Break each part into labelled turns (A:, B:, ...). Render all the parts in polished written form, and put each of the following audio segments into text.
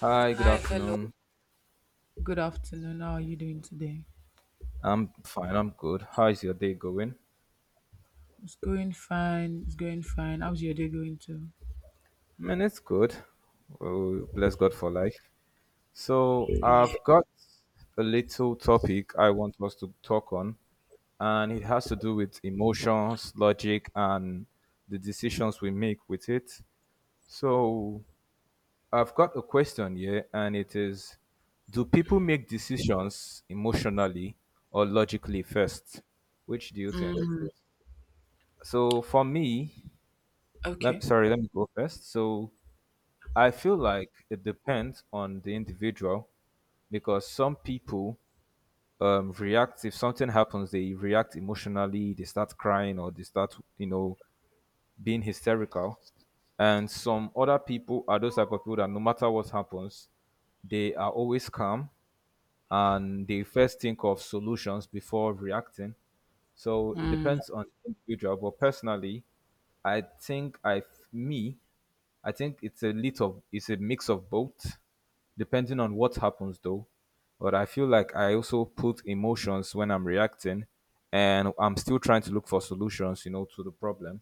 A: Hi, good
B: Hi, hello.
A: afternoon.
B: Good afternoon. How are you doing today?
A: I'm fine, I'm good. How is your day going?
B: It's going fine. It's going fine. How's your day going too?
A: Man, it's good. Oh, bless God for life. So,
B: Yeah.
A: I've got a little topic I want us to talk on, and it has to do with emotions, logic, and the decisions we make with it. So, I've got a question here, and it is, do people make decisions emotionally or logically first? Which do you think?
B: Mm,
A: So, for me,
B: okay.
A: let me go first. So I feel like it depends on the individual because some people react. If something happens, they react emotionally, they start crying or they start being hysterical. And some other people are those type of people that no matter what happens, they are always calm and they first think of solutions before reacting. So it
B: Mm,
A: depends on the individual, but personally, I think I me I think it's a little, it's a mix of both, depending on what happens though. But I feel like I also put emotions when I'm reacting, and I'm still trying to look for solutions, you know, to the problem.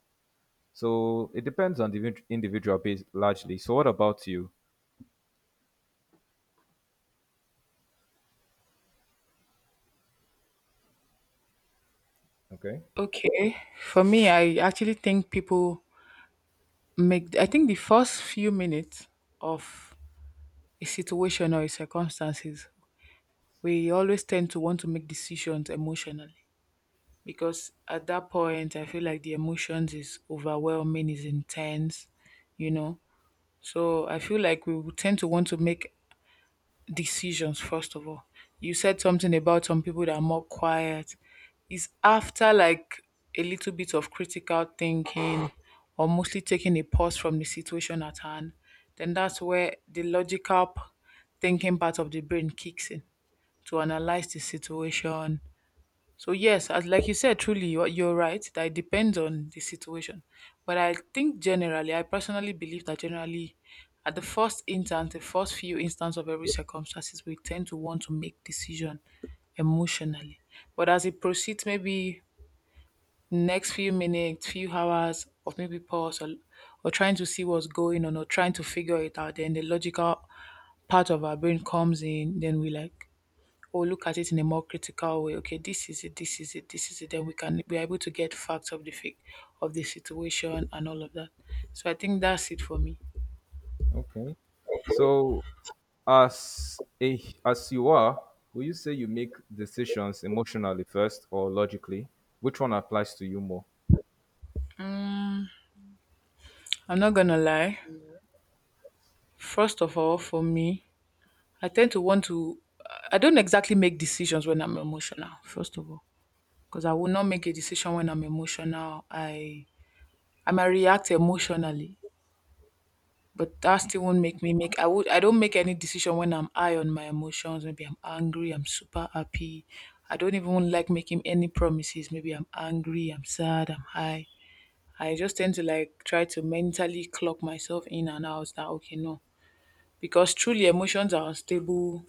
A: So it depends on the individual base largely. So what about you? Okay,
B: okay. For me, I actually think people make, I think the first few minutes of a situation or a circumstances, we always tend to want to make decisions emotionally because at that point, I feel like the emotions is overwhelming, is intense, you know. So I feel like we would tend to want to make decisions first of all. You said something about some people that are more quiet. It's after like a little bit of critical thinking or mostly taking a pause from the situation at hand, then that's where the logical thinking part of the brain kicks in to analyze the situation. So yes, as like you said, truly you're right that it depends on the situation. But I think generally, I personally believe that generally, at the first instance, the first few instance of every circumstances, we tend to want to make decision emotionally. But as it proceeds, maybe next few minutes, few hours, or maybe pause, or trying to see what's going on, or trying to figure it out, then the logical part of our brain comes in. Then we like or look at it in a more critical way. Okay, this is it, this is it, this is it. Then we can be able to get facts of the fake of the situation and all of that. So I think that's it for me.
A: okay. So as you are, will you say you make decisions emotionally first or logically? Which one applies to you more?
B: I'm not gonna lie. First of all, for me, I tend to want to. I don't exactly make decisions when I'm emotional. First of all, because I will not make a decision when I'm emotional. I might react emotionally. But that still won't make me make I would I don't make any decision when I'm high on my emotions. Maybe I'm angry, I'm super happy. I don't even like making any promises. Maybe I'm angry, I'm sad, I'm high. I just tend to like try to mentally clock myself in and out that okay, no. Because truly emotions are unstable.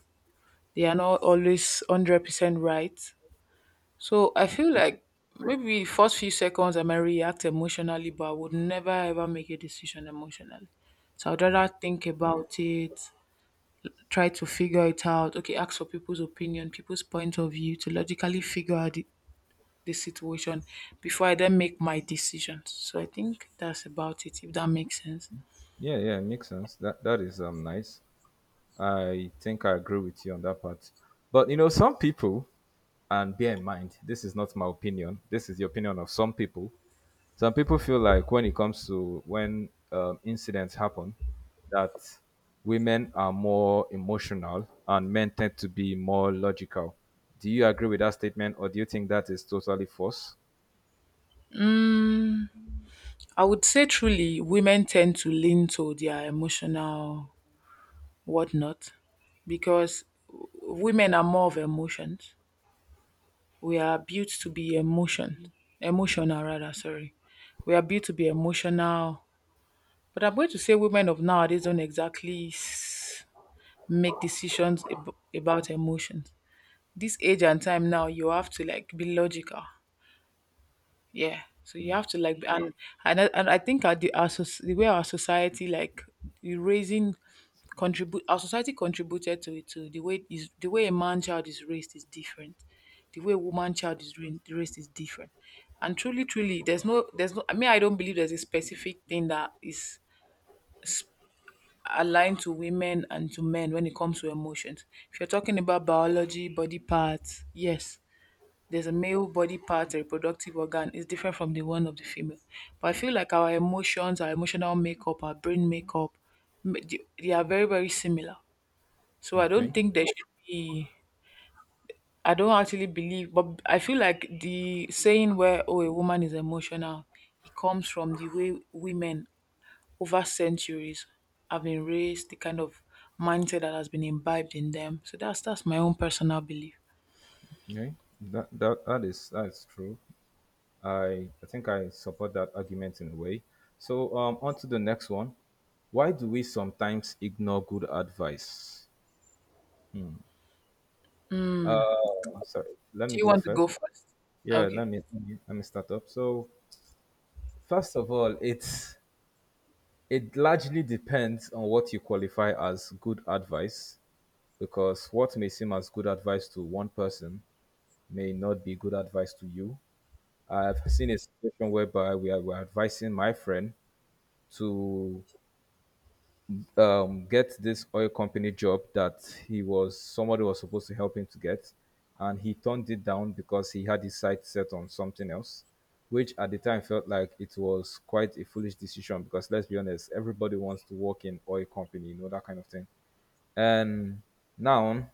B: They are not always 100% right. So I feel like maybe first few seconds I might react emotionally, but I would never ever make a decision emotionally. So I'd rather think about it, try to figure it out. Okay, ask for people's opinion, people's point of view to logically figure out the situation before I then make my decisions. So I think that's about it, if that makes sense.
A: Yeah, yeah, it makes sense. That is nice. I think I agree with you on that part. But you know, some people, and bear in mind, this is not my opinion. This is the opinion of some people. Some people feel like when it comes to when incidents happen, that women are more emotional and men tend to be more logical. Do you agree with that statement, or do you think that is totally false?
B: I would say truly, women tend to lean to their emotional whatnot because women are more of emotions. We are built to be emotion, emotional rather. Sorry, we are built to be emotional. But I'm going to say women of nowadays don't exactly make decisions about emotions. This age and time now, you have to like be logical. Yeah. So you have to like, and I think our, the, our soc- the way our society like the raising contribute our society contributed to it too. The way a man child is raised is different. The way a woman child is raised is different. And truly, truly, there's no, there's no. I mean, I don't believe there's a specific thing that is aligned to women and to men when it comes to emotions. If you're talking about biology, body parts, yes, there's a male body part, a reproductive organ is different from the one of the female. But I feel like our emotions, our emotional makeup, our brain makeup, they are very, very similar. So I don't
A: Okay.
B: think there should be. I don't actually believe, but I feel like the saying where oh a woman is emotional, it comes from the way women over centuries have been raised, the kind of mindset that has been imbibed in them. So that's my own personal belief.
A: Okay. That is true. I think I support that argument in a way. So, on to the next one. Why do we sometimes ignore good advice? Hmm. Sorry, let
B: Do
A: me
B: you
A: go
B: want to
A: first.
B: go first?
A: Yeah, let
B: Okay.
A: me let me let me start up. So, first of all, it largely depends on what you qualify as good advice, because what may seem as good advice to one person may not be good advice to you. I've seen a situation whereby we were advising my friend to get this oil company job that he was somebody was supposed to help him to get, and he turned it down because he had his sight set on something else, which at the time felt like it was quite a foolish decision, because let's be honest, everybody wants to work in oil company, you know, that kind of thing. And now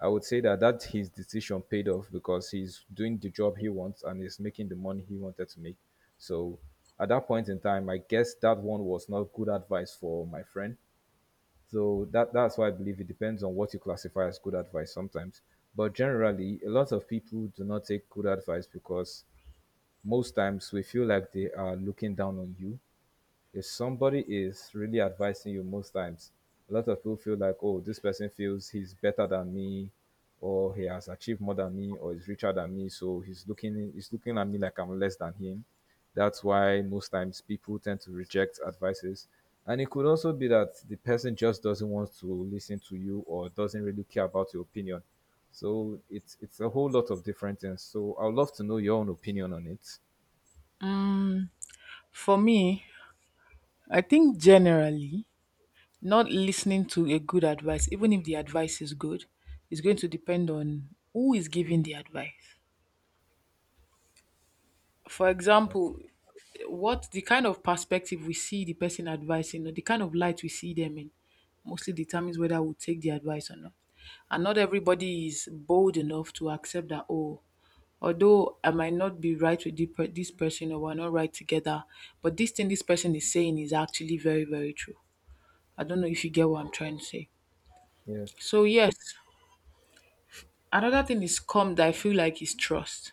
A: I would say that his decision paid off, because he's doing the job he wants and he's making the money he wanted to make. So at that point in time, I guess that one was not good advice for my friend, so that's why I believe it depends on what you classify as good advice sometimes. But generally, a lot of people do not take good advice because most times we feel like they are looking down on you. If somebody is really advising you, most times a lot of people feel like, oh, this person feels he's better than me, or he has achieved more than me, or is richer than me, so he's looking at me like I'm less than him. That's why most times people tend to reject advices. And it could also be that the person just doesn't want to listen to you, or doesn't really care about your opinion. So it's a whole lot of different things, so I'd love to know your own opinion on it.
B: For me, I think generally not listening to a good advice, even if the advice is good, is going to depend on who is giving the advice. For example, what the kind of perspective we see the person advising or the kind of light we see them in mostly determines whether we'll take the advice or not. And not everybody is bold enough to accept that, oh, although I might not be right with this person or we're not right together, but this thing this person is saying is actually very, very true. I don't know if you get what I'm trying to say.
A: Yes.
B: So, yes, another thing is calm that I feel like is trust.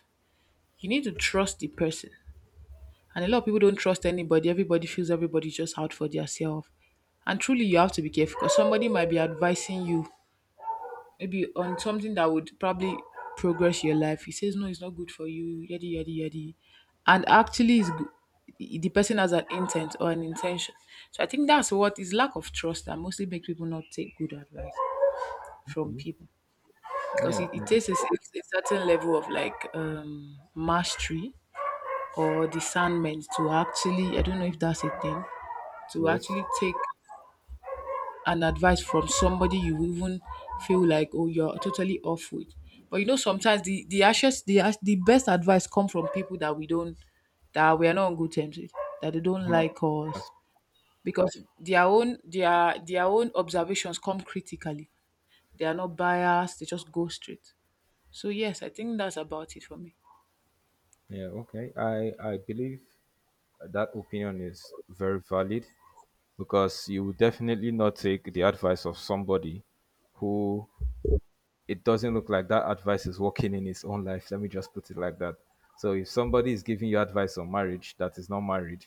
B: You need to trust the person. And a lot of people don't trust anybody. Everybody feels everybody's just out for themselves. And truly, you have to be careful because somebody might be advising you maybe on something that would probably progress your life. He says, no, it's not good for you, yadi, yadi, yadi. And actually, it's good. The person has an intent or an intention. So I think that's what is lack of trust that mostly makes people not take good advice from
A: Mhm.
B: people because
A: Yeah,
B: it takes a certain level of like mastery or discernment to actually, I don't know if that's a thing, to
A: yes.
B: actually take an advice from somebody you even feel like oh you're totally off with. But you know sometimes the ashes the ash- the best advice come from people that we don't that we are not on good terms with, that they don't
A: Mhm.
B: like us,
A: That's-
B: because their own observations come critically. They are not biased, they just go straight. So yes, I think that's about it for me.
A: Yeah, okay. I believe that opinion is very valid, because you will definitely not take the advice of somebody who it doesn't look like that advice is working in his own life. Let me just put it like that. So if somebody is giving you advice on marriage that is not married,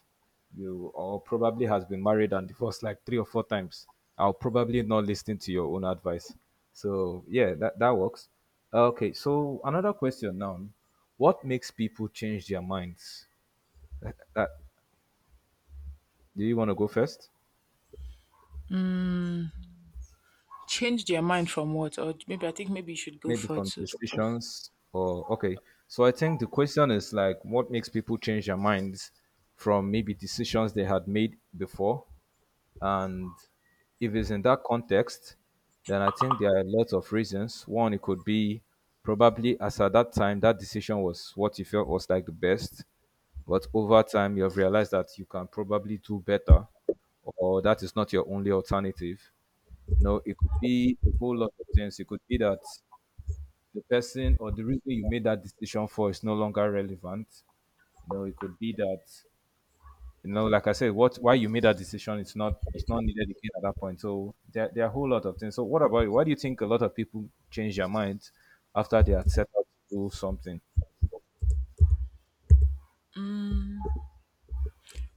A: you, or probably has been married and divorced like three or four times, I'll probably not listen to your own advice. So yeah, that works. Okay, so another question now. What makes people change their minds? That, do you want to go first?
B: Change their mind from what? Or maybe I think maybe you should go
A: Maybe
B: for
A: from
B: to first.
A: decisions, or okay. So I think the question is like, what makes people change their minds from maybe decisions they had made before? And if it's in that context, then I think there are lots of reasons. One, it could be probably as at that time that decision was what you felt was like the best, but over time you have realized that you can probably do better, or that is not your only alternative. You know, it could be a whole lot of things. It could be that the person or the reason you made that decision for is no longer relevant. You know, it could be that, like I said, what why you made that decision, it's not needed again at that point. So there are a whole lot of things. So what about you? Why do you think a lot of people change their mind after they are set out to do something?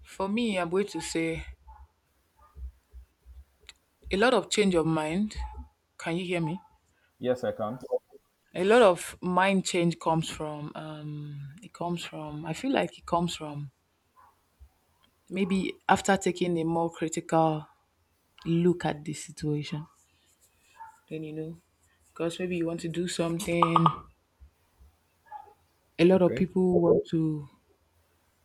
B: For me, I'm going to say a lot of change of mind. Can you hear me?
A: Yes, I can.
B: A lot of mind change comes from I feel like it comes from maybe after taking a more critical look at the situation. Then you know, because maybe you want to do something. A lot of
A: Okay.
B: people want to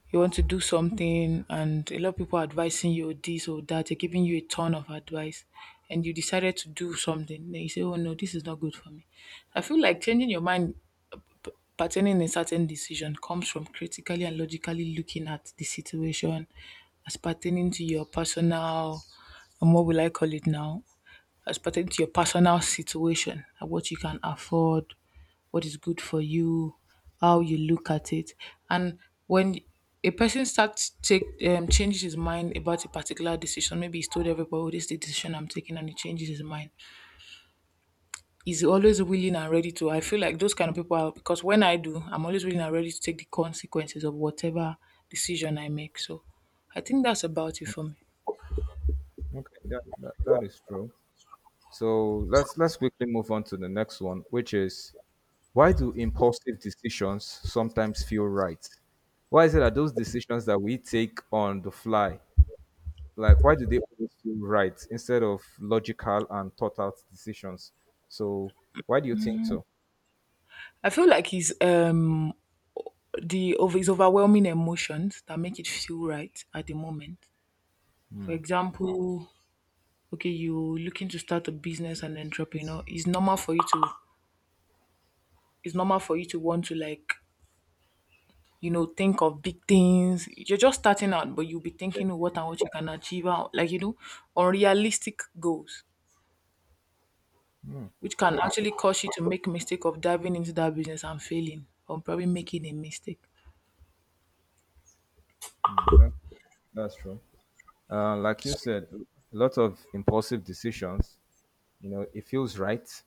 B: You want to do something, and a lot of people are advising you this or that, they're giving you a ton of advice, and you decided to do something, then you say oh no, this is not good for me. I feel like changing your mind pertaining a certain decision comes from critically and logically looking at the situation as pertaining to your personal, and what will I call it now? As pertaining to your personal situation and what you can afford, what is good for you, how you look at it. And when a person starts take changes his mind about a particular decision, maybe he's told everybody, oh, this is the decision I'm taking, and he changes his mind, is always willing and ready to. I feel like those kind of people are because when I do, I'm always willing and ready to take the consequences of whatever decision I make. So I think that's about it for me.
A: Okay. That is true. So let's quickly move on to the next one, which is, why do impulsive decisions sometimes feel right? Why is it that those decisions that we take on the fly, like why do they always feel right instead of logical and thought out decisions? So why do you think so?
B: I feel like his the of his overwhelming emotions that make it feel right at the moment. For example, okay, you looking to start a business and entrepreneur, it's normal for you to it's normal for you to want to like think of big things. You're just starting out, but you'll be
A: Yeah,
B: thinking of what and what you can achieve out, like, unrealistic goals, which can actually cause you to make mistake of diving into that business and failing or probably making a mistake.
A: mm, that- that's true. Like you said, a lot of impulsive decisions, it feels right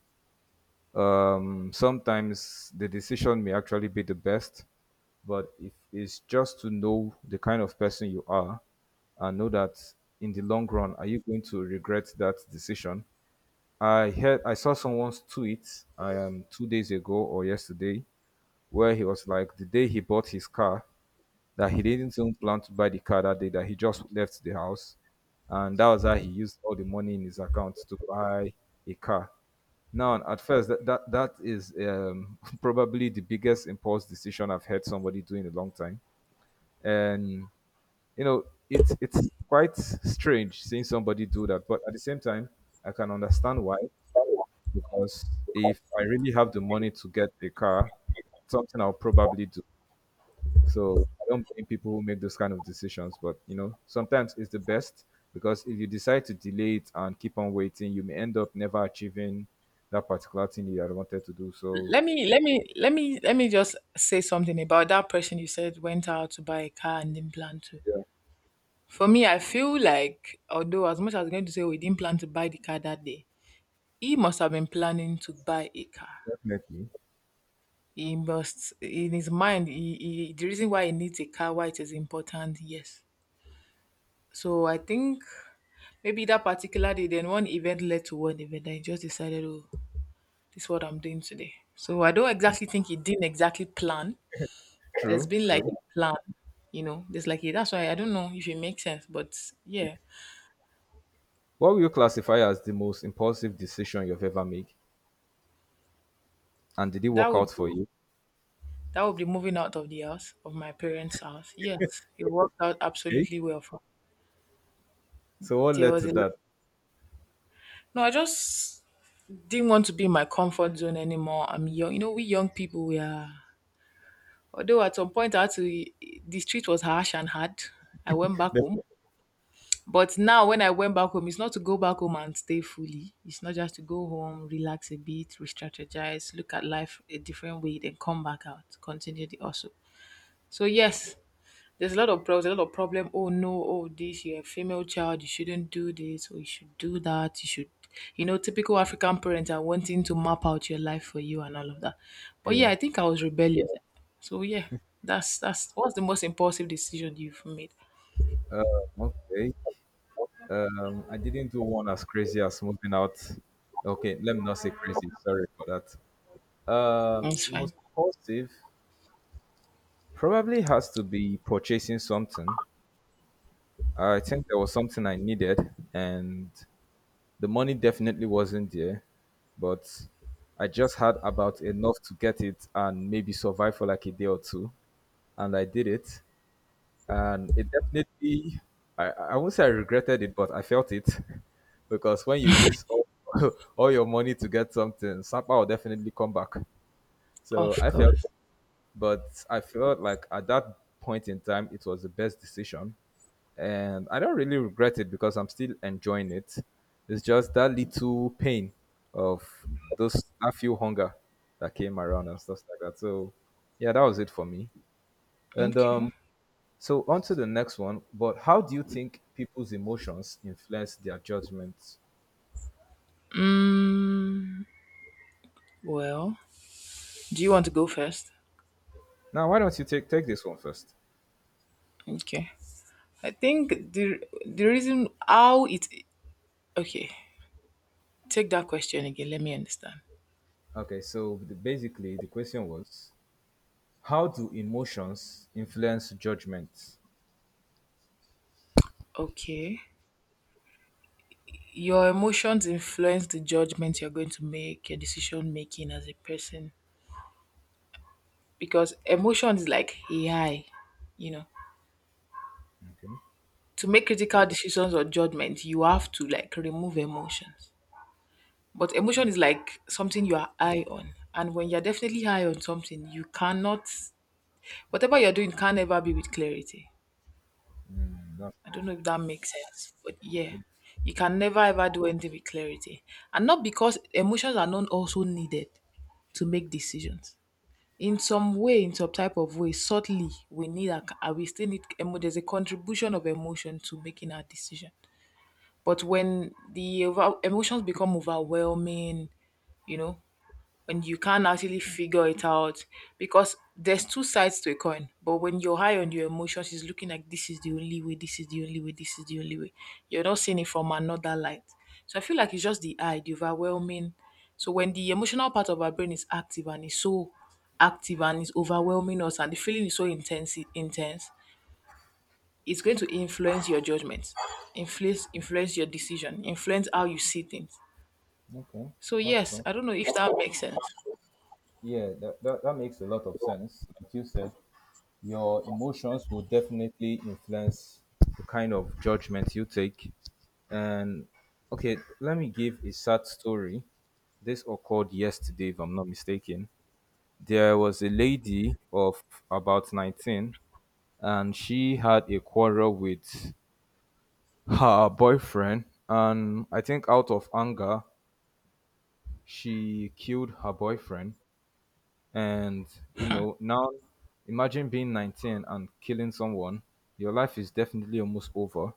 A: Um, Sometimes the decision may actually be the best, but if it's just to know the kind of person you are, and know that in the long run, are you going to regret that decision? I saw someone's tweet I am 2 days ago or yesterday, where he was like, the day he bought his car, that he didn't even plan to buy the car that day, that he just left the house, and that was how he used all the money in his account to buy a car. Now at first, that is probably the biggest impulse decision I've heard somebody do in a long time. And you know it's quite strange seeing somebody do that, but at the same time I can understand why, because if I really have the money to get a car, something I'll probably do. So I don't blame people who make those kind of decisions, but sometimes it's the best, because if you decide to delay it and keep on waiting, you may end up never achieving that particular thing you had wanted to do. So
B: Let me just say something about that person you said went out to buy a car and didn't plan to.
A: yeah,
B: For me, I feel like although as much as I'm going to say we didn't plan to buy the car that day, he must have been planning to buy a car.
A: definitely.
B: He must, in his mind, the reason why he needs a car, why it is important, yes. So I think maybe that particular day, then one event led to one event. I just decided, oh, this is what I'm doing today. So I don't exactly think he didn't exactly plan. There's
A: True,
B: been like
A: true.
B: a plan, you know. There's like a, that's why I don't know if it makes sense, but
A: Yeah.
B: yeah,
A: What will you classify as the most impulsive decision you've ever made? And did it work
B: that would
A: out
B: be,
A: for you?
B: that would be moving out of the house of my parents' house. Yes, it worked out
A: Okay.
B: absolutely well for.
A: So what
B: There
A: led
B: was
A: to
B: a
A: that?
B: No. I just didn't want to be in my comfort zone anymore. I'm young. You know, we young people, we are. Although at some point I had to, the street was harsh and hard. I went back
A: Def-
B: home. But now when I went back home, it's not to go back home and stay fully. It's not just to go home, relax a bit, re-strategize, look at life a different way, then come back out, continue the hustle. So yes, there's a lot of problems, a lot of problem. Oh no, oh this, you're a female child, you shouldn't do this, or you should do that, you should typical African parents are wanting to map out your life for you and all of that. But
A: Yeah.
B: yeah, I think I was rebellious. So yeah, that's what's the most impulsive decision you've made.
A: Um, okay. I didn't do one as crazy as moving out. Okay, let me not say crazy. Sorry for that.
B: It's fine.
A: Most impulsive probably has to be purchasing something. I think there was something I needed, and the money definitely wasn't there, but I just had about enough to get it and maybe survive for like a day or two, and I did it. And I won't say I regretted it, but I felt it because when you use all, all your money to get something, Sapa will definitely come back. So
B: Of
A: I felt
B: course.
A: it, but I felt like at that point in time, it was the best decision, and I don't really regret it because I'm still enjoying it. It's just that little pain of those that few hunger that came around and stuff like that. So yeah, that was it for me. And
B: Okay.
A: so on to the next one. But how do you think people's emotions influence their judgments?
B: Mm, well, do you want to go first?
A: Now, why don't you take this one first?
B: Okay. I think the reason how it okay, take that question again, let me understand.
A: Okay, so basically the question was, how do emotions influence judgments?
B: Okay. Your emotions influence the judgment you're going to make, your decision making as a person. Because emotion is like AI, you know.
A: Okay,
B: To make critical decisions or judgment, you have to like remove emotions. But emotion is like something you are high on. And when you're definitely high on something, you cannot whatever you're doing can never be with clarity.
A: that's
B: I don't know if that makes sense. But yeah.
A: it.
B: You can never ever do anything with clarity. And not because emotions are not also needed to make decisions in some way, in some type of way, subtly, we need a, c- we still need emo- there's a contribution of emotion to making our decision. But when the emotions become overwhelming, you know, and you can't actually figure it out because there's two sides to a coin. But when you're high on your emotions, it's looking like this is the only way, this is the only way, this is the only way. You're not seeing it from another light. So I feel like it's just the eye, the overwhelming. So when the emotional part of our brain is active and is so active and is overwhelming us and the feeling is so intense intense, it's going to influence your judgment, influence your decision, influence how you see things.
A: Okay,
B: So
A: that's
B: yes,
A: true.
B: I don't know if that makes sense.
A: Yeah, that makes a lot of sense. Like you said, your emotions will definitely influence the kind of judgment you take. And okay, let me give a sad story. This occurred yesterday, if I'm not mistaken. There was a lady of about 19, and she had a quarrel with her boyfriend. And I think out of anger, she killed her boyfriend. And now imagine being 19 and killing someone. Your life is definitely almost over,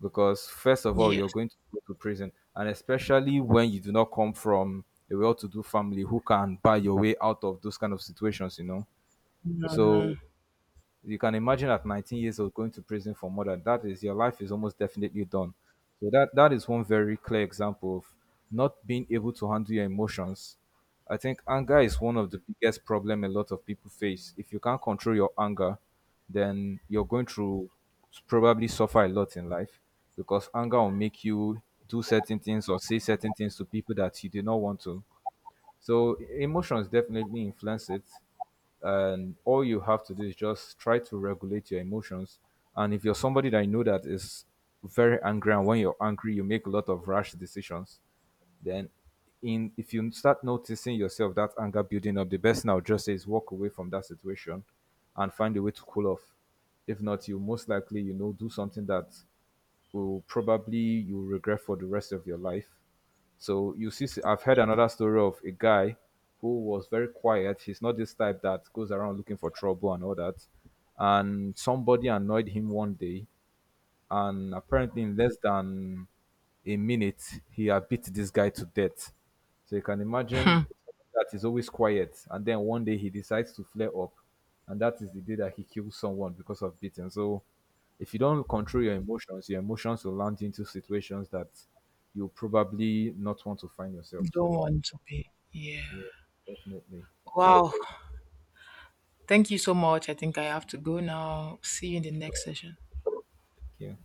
A: because first of all you're
B: Yes.
A: going to go to prison, and especially when you do not come from a well-to-do family who can buy your way out of those kind of situations. So you can imagine, at 19 years old going to prison for murder, that is, your life is almost definitely done. So that is one very clear example of not being able to handle your emotions. I think anger is one of the biggest problem a lot of people face. If you can't control your anger, then you're going to probably suffer a lot in life, because anger will make you do certain things or say certain things to people that you do not want to. So emotions definitely influence it, and all you have to do is just try to regulate your emotions. And if you're somebody that you know that is very angry, and when you're angry you make a lot of rash decisions, then in if you start noticing yourself that anger building up, the best thing I would just say is walk away from that situation and find a way to cool off. If not, you most likely do something that will probably you regret for the rest of your life. So you see, I've heard another story of a guy who was very quiet. He's not this type that goes around looking for trouble and all that. And somebody annoyed him one day, and apparently in less than a minute, he had beat this guy to death. So you can imagine, that is always quiet, and then one day he decides to flare up, and that is the day that he kills someone because of beating. So if you don't control your emotions will land you into situations that you probably not want to find yourself.
B: Don't
A: So
B: want to pay. Yeah.
A: yeah, definitely.
B: Wow. Thank you so much. I think I have to go now. See you in the
A: So,
B: next session.
A: yeah.